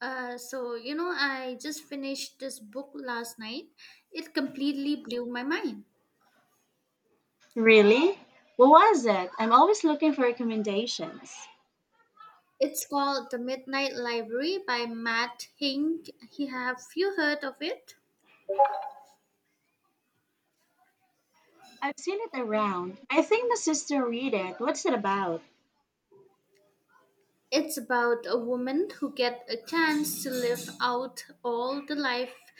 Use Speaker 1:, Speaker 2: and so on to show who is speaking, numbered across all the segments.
Speaker 1: I just finished this book last night. It completely blew my mind.
Speaker 2: Really? What was it? I'm always looking for recommendations.
Speaker 1: It's called The Midnight Library by Matt Hink. Have you heard of it?
Speaker 2: I've seen it around. I think my sister read it. What's it about?
Speaker 1: It's about a woman who get a chance to live out all the life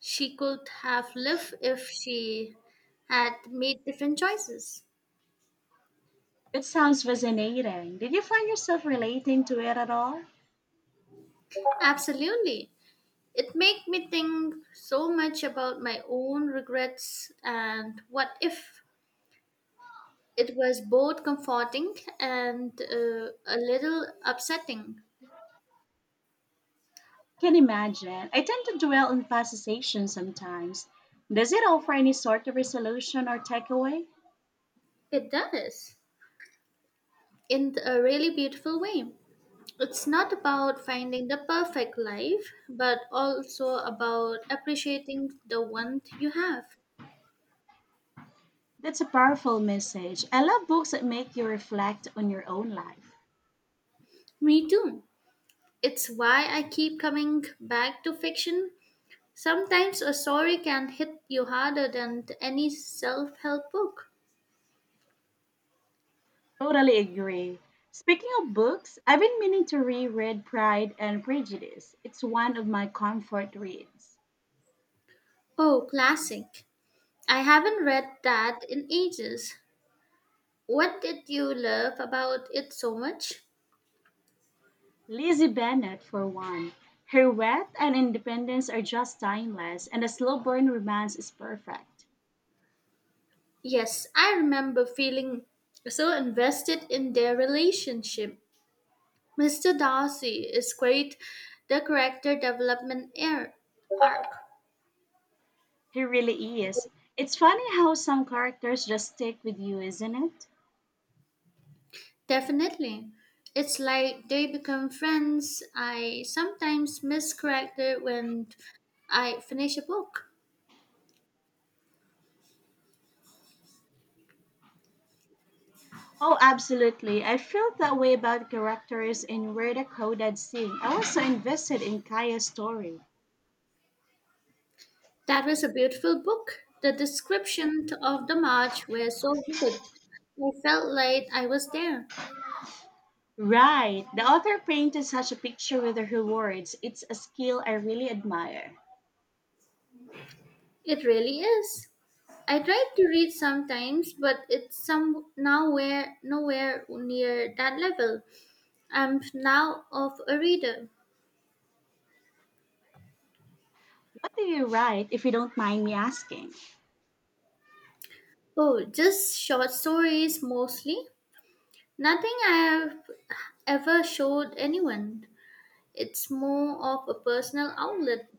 Speaker 1: she could have lived if she had made different choices.
Speaker 2: It sounds fascinating. Did you find yourself relating to it at all?
Speaker 1: Absolutely. It made me think so much about my own regrets and what if. It was both comforting and a little upsetting.
Speaker 2: Can imagine. I tend to dwell on past sensations sometimes. Does it offer any sort of resolution or takeaway?
Speaker 1: It does, in a really beautiful way. It's not about finding the perfect life, but also about appreciating the one you have.
Speaker 2: That's a powerful message. I love books that make you reflect on your own life.
Speaker 1: Me too. It's why I keep coming back to fiction. Sometimes a story can hit you harder than any self help book.
Speaker 2: Totally agree. Speaking of books, I've been meaning to reread Pride and Prejudice. It's one of my comfort reads.
Speaker 1: Oh, classic. I haven't read that in ages. What did you love about it so much?
Speaker 2: Lizzie Bennet, for one. Her wit and independence are just timeless, and the slow burn romance is perfect.
Speaker 1: Yes, I remember feeling so invested in their relationship. Mr. Darcy is great, the character development air arc.
Speaker 2: He really is. It's funny how some characters just stick with you, isn't it?
Speaker 1: Definitely. It's like they become friends. I sometimes miss character when I finish a book.
Speaker 2: Oh, absolutely. I felt that way about characters in Where the Crawdads Sing. I was so invested in Kaya's story.
Speaker 1: That was a beautiful book. The description of the march were so vivid. I felt like I was there.
Speaker 2: Right. The author painted such a picture with her words. It's a skill I really admire.
Speaker 1: It really is. I try to read sometimes, but it's some nowhere near that level. I'm now of a reader.
Speaker 2: What do you write, if you don't mind me asking?
Speaker 1: Oh, just short stories mostly. Nothing I have ever showed anyone. It's more of a personal outlet.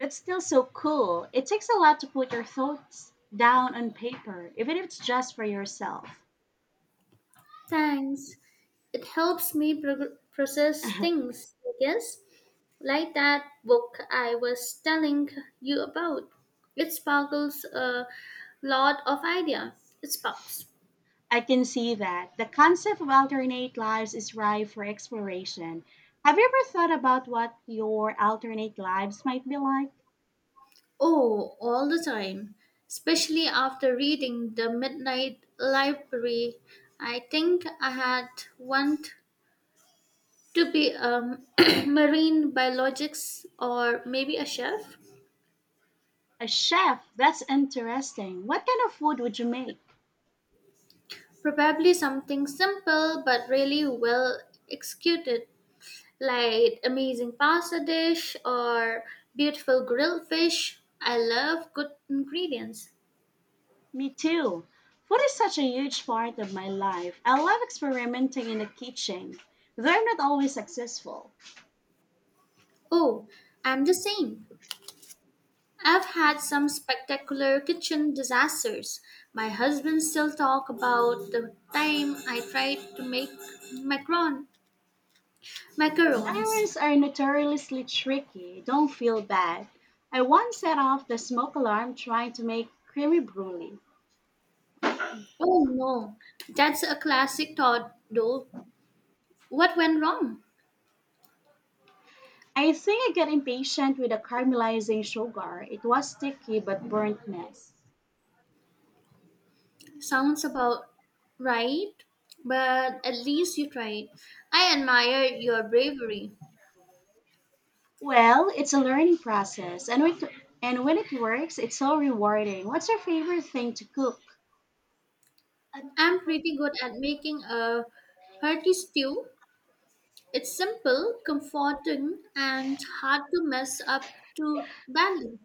Speaker 2: That's still so cool. It takes a lot to put your thoughts down on paper, even if it's just for yourself.
Speaker 1: Thanks. It helps me process things, I guess. Like that book I was telling you about. It sparkles a lot of idea. It sparks.
Speaker 2: I can see that. The concept of alternate lives is ripe for exploration. Have you ever thought about what your alternate lives might be like?
Speaker 1: Oh, all the time. Especially after reading The Midnight Library, I think I had want to be a marine biologist or maybe a chef.
Speaker 2: A chef? That's interesting. What kind of food would you make?
Speaker 1: Probably something simple but really well executed, like amazing pasta dish or beautiful grilled fish. I love good ingredients.
Speaker 2: Me too. Food is such a huge part of my life. I love experimenting in the kitchen, though I'm not always successful.
Speaker 1: Oh, I'm the same. I've had some spectacular kitchen disasters. My husband still talk about the time I tried to make macaron macarons.
Speaker 2: Memories are notoriously tricky. Don't feel bad. I once set off the smoke alarm trying to make creamy brulee.
Speaker 1: Oh no, that's a classic thought though. What went wrong?
Speaker 2: I think I got impatient with the caramelizing sugar. It was sticky but burnt mess.
Speaker 1: Sounds about right, but at least you tried. I admire your bravery.
Speaker 2: Well, it's a learning process, and when it works, it's so rewarding. What's your favorite thing to cook?
Speaker 1: I'm pretty good at making a hearty stew. It's simple, comforting, and hard to mess up too badly.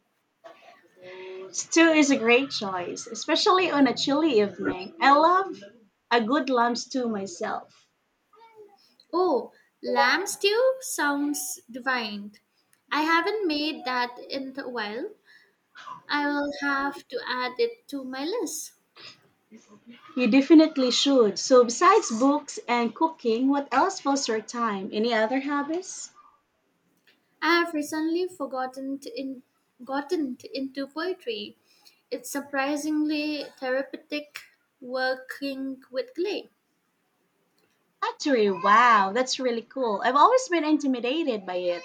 Speaker 2: Stew is a great choice, especially on a chilly evening. I love a good lamb stew myself.
Speaker 1: Oh, lamb stew sounds divine. I haven't made that in a while. I will have to add it to my list.
Speaker 2: You definitely should. So, besides books and cooking, what else fills your time? Any other hobbies?
Speaker 1: I have recently into poetry. It's surprisingly therapeutic working with clay.
Speaker 2: Pottery, wow, that's really cool. I've always been intimidated by it.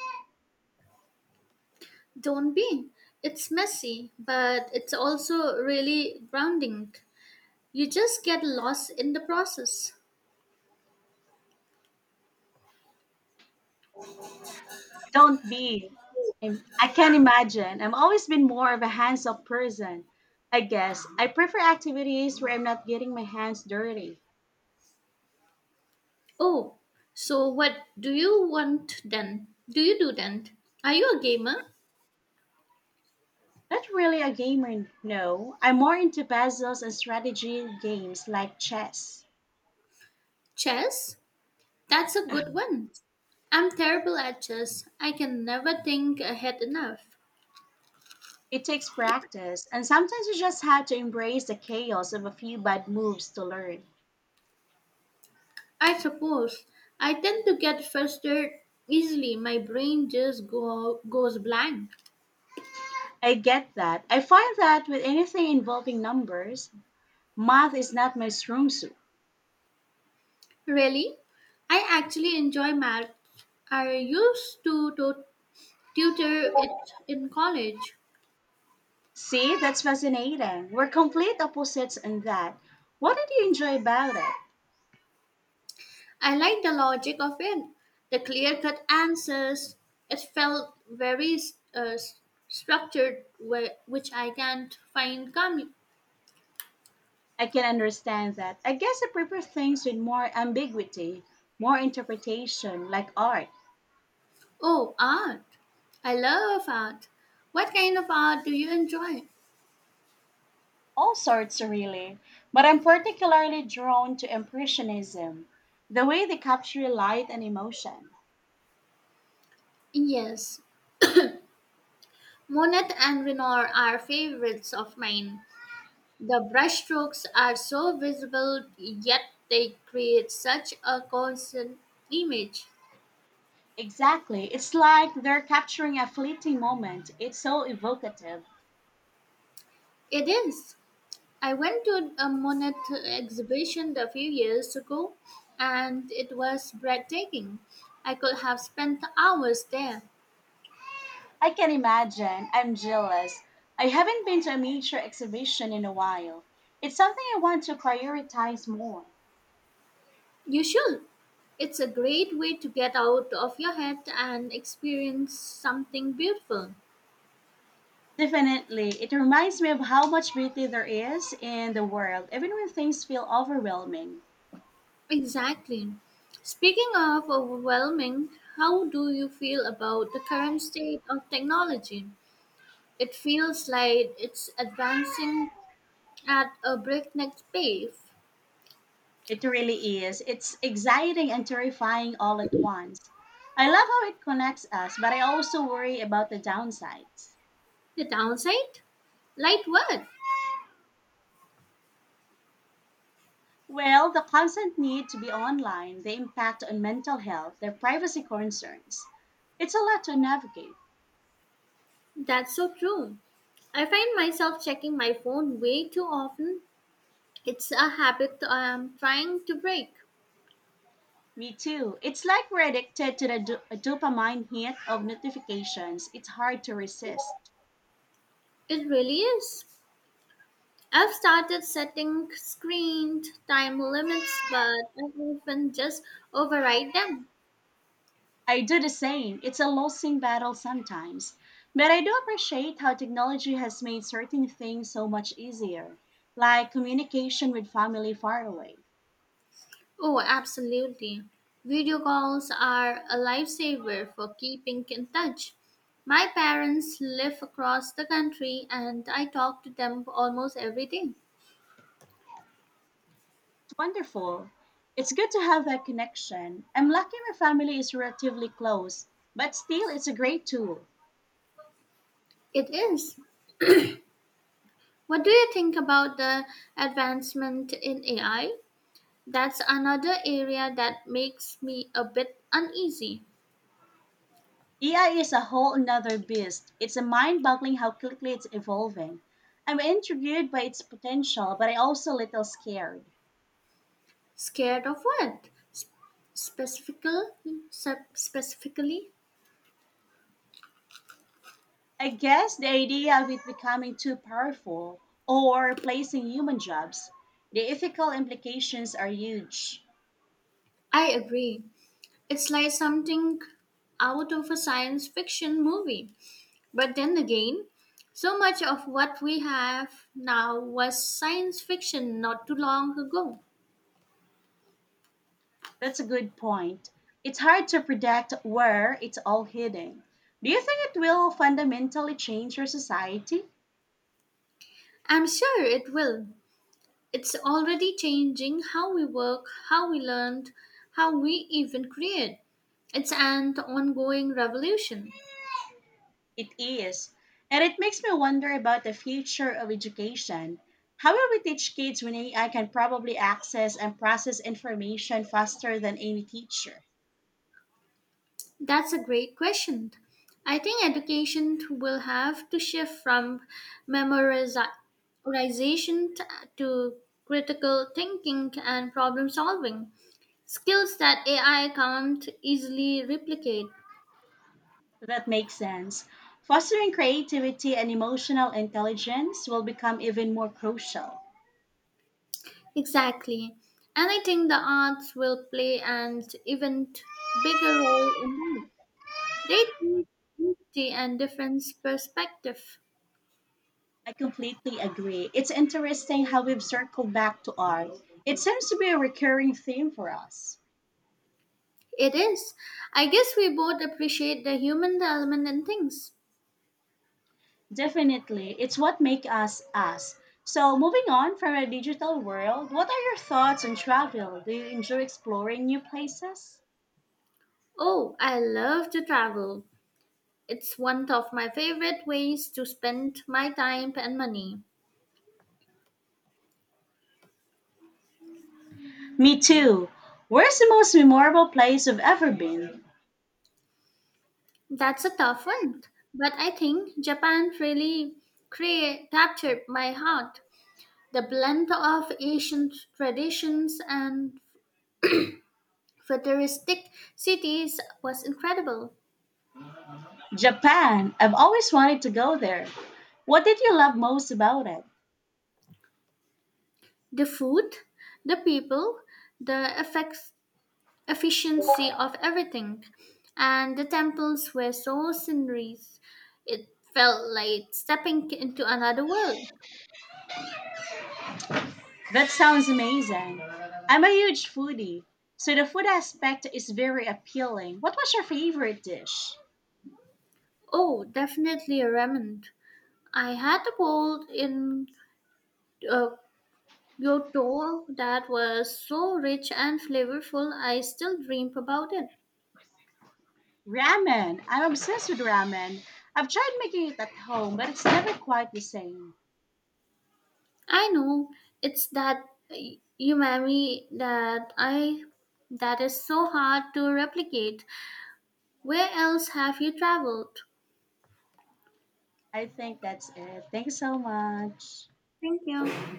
Speaker 1: Don't be. It's messy, but it's also really grounding. You just get lost in the process.
Speaker 2: Don't be. I'm- I can't imagine. I've always been more of a hands off person, I guess. I prefer activities where I'm not getting my hands dirty.
Speaker 1: Oh, so what do you want then? Do you do then? Are you a gamer?
Speaker 2: Not really a gamer, no. I'm more into puzzles and strategy games like chess.
Speaker 1: Chess? That's a good one. I'm terrible at chess. I can never think ahead enough.
Speaker 2: It takes practice, and sometimes you just have to embrace the chaos of a few bad moves to learn.
Speaker 1: I suppose I tend to get frustrated easily. My brain just goes blank.
Speaker 2: I get that. I find that with anything involving numbers, math is not my strong suit.
Speaker 1: Really? I actually enjoy math. I used to tutor it in college.
Speaker 2: See, that's fascinating. We're complete opposites in that. What did you enjoy about it?
Speaker 1: I liked the logic of it, the clear cut answers. It felt very uh, s- structured, which I can't find coming.
Speaker 2: I can understand that. I guess I prefer things with more ambiguity, more interpretation, like art.
Speaker 1: Oh, art. I love art. What kind of art do you enjoy?
Speaker 2: All sorts really, but I'm particularly drawn to Impressionism, the way they capture light and emotion.
Speaker 1: Yes, Monet and Renoir are favorites of mine. The brushstrokes are so visible, yet they create such a constant image.
Speaker 2: Exactly, it's like they're capturing a fleeting moment. It's so evocative.
Speaker 1: It is. I went to a Monet exhibition a few years ago, and it was breathtaking. I could have spent hours there.
Speaker 2: I can imagine. I'm jealous. I haven't been to a major exhibition in a while. It's something I want to prioritize more.
Speaker 1: You should. It's a great way to get out of your head and experience something beautiful.
Speaker 2: Definitely, it reminds me of how much beauty there is in the world, even when things feel overwhelming.
Speaker 1: Exactly. Speaking of overwhelming, how do you feel about the current state of technology? It feels like it's advancing at a breakneck pace.
Speaker 2: It really is. It's exciting and terrifying all at once. I love how it connects us, but I also worry about the downsides.
Speaker 1: The downside? Like what?
Speaker 2: Well, the constant need to be online, the impact on mental health, the privacy concerns. It's a lot to navigate.
Speaker 1: That's so true. I find myself checking my phone way too often. It's a habit I'm trying to break.
Speaker 2: Me too. It's like we're addicted to the dopamine hit of notifications. It's hard to resist.
Speaker 1: It really is. I've started setting screen time limits, but I often just override them.
Speaker 2: I do the same. It's a losing battle sometimes. But I do appreciate how technology has made certain things so much easier, like communication with family far away. It's
Speaker 1: Oh, absolutely. Video calls are a lifesaver for keeping in touch. My parents live across the country and I talk to them almost every day.
Speaker 2: wonderful. It's good to have that connection. I'm lucky my family is relatively close, but still, it's a great tool.
Speaker 1: It is. What do you think about the advancement in AI? That's another area that makes me a bit uneasy.
Speaker 2: AI is a whole another beast. It's a mind boggling how quickly it's evolving. I'm intrigued by its potential, but I also a little scared.
Speaker 1: Scared of what? Specifically, specifically?
Speaker 2: I guess the idea of it becoming too powerful or replacing human jobs, the ethical implications are huge.
Speaker 1: I agree. It's like something out of a science fiction movie. But then again, so much of what we have now was science fiction not too long ago.
Speaker 2: That's a good point. It's hard to predict where it's all heading. Do you think it will fundamentally change our society?
Speaker 1: I'm sure it will. It's already changing how we work, how we learn, how we even create. It's an ongoing revolution.
Speaker 2: It is. And it makes me wonder about the future of education. How will we teach kids when AI can probably access and process information faster than any teacher?
Speaker 1: That's a great question. I think education will have to shift from memorization t- to critical thinking and problem solving, skills that AI can't easily replicate.
Speaker 2: That makes sense. Fostering creativity and emotional intelligence will become even more crucial.
Speaker 1: Exactly. And I think the arts will play an even bigger role in that. They teach empathy and different perspective.
Speaker 2: I completely agree. It's interesting how we've circled back to art. It seems to be a recurring theme for us.
Speaker 1: It is. I guess we both appreciate the human element in things.
Speaker 2: Definitely, it's what makes us us. So, moving on from a digital world, what are your thoughts on travel? Do you enjoy exploring new places?
Speaker 1: Oh, I love to travel. It's one of my favorite ways to spend my time and money.
Speaker 2: Me too. Where's the most memorable place you've ever been?
Speaker 1: That's a tough one, but I think Japan really captured my heart. The blend of Asian traditions and futuristic cities was incredible.
Speaker 2: Japan. I've always wanted to go there. What did you love most about it?
Speaker 1: The food, the people, the effects efficiency of everything. And the temples were so sceneries, it felt like stepping into another world.
Speaker 2: That sounds amazing. I'm a huge foodie, so the food aspect is very appealing. What was your favorite dish?
Speaker 1: Oh, definitely a remnant. I had a bowl in uh, Kyoto that was so rich and flavorful, I still dream about it.
Speaker 2: Ramen. I'm obsessed with ramen. I've tried making it at home, but it's never quite the same.
Speaker 1: I know it's that uh, umami that is so hard to replicate. Where else have you traveled?
Speaker 2: I think that's it. Thanks so much.
Speaker 1: Thank you.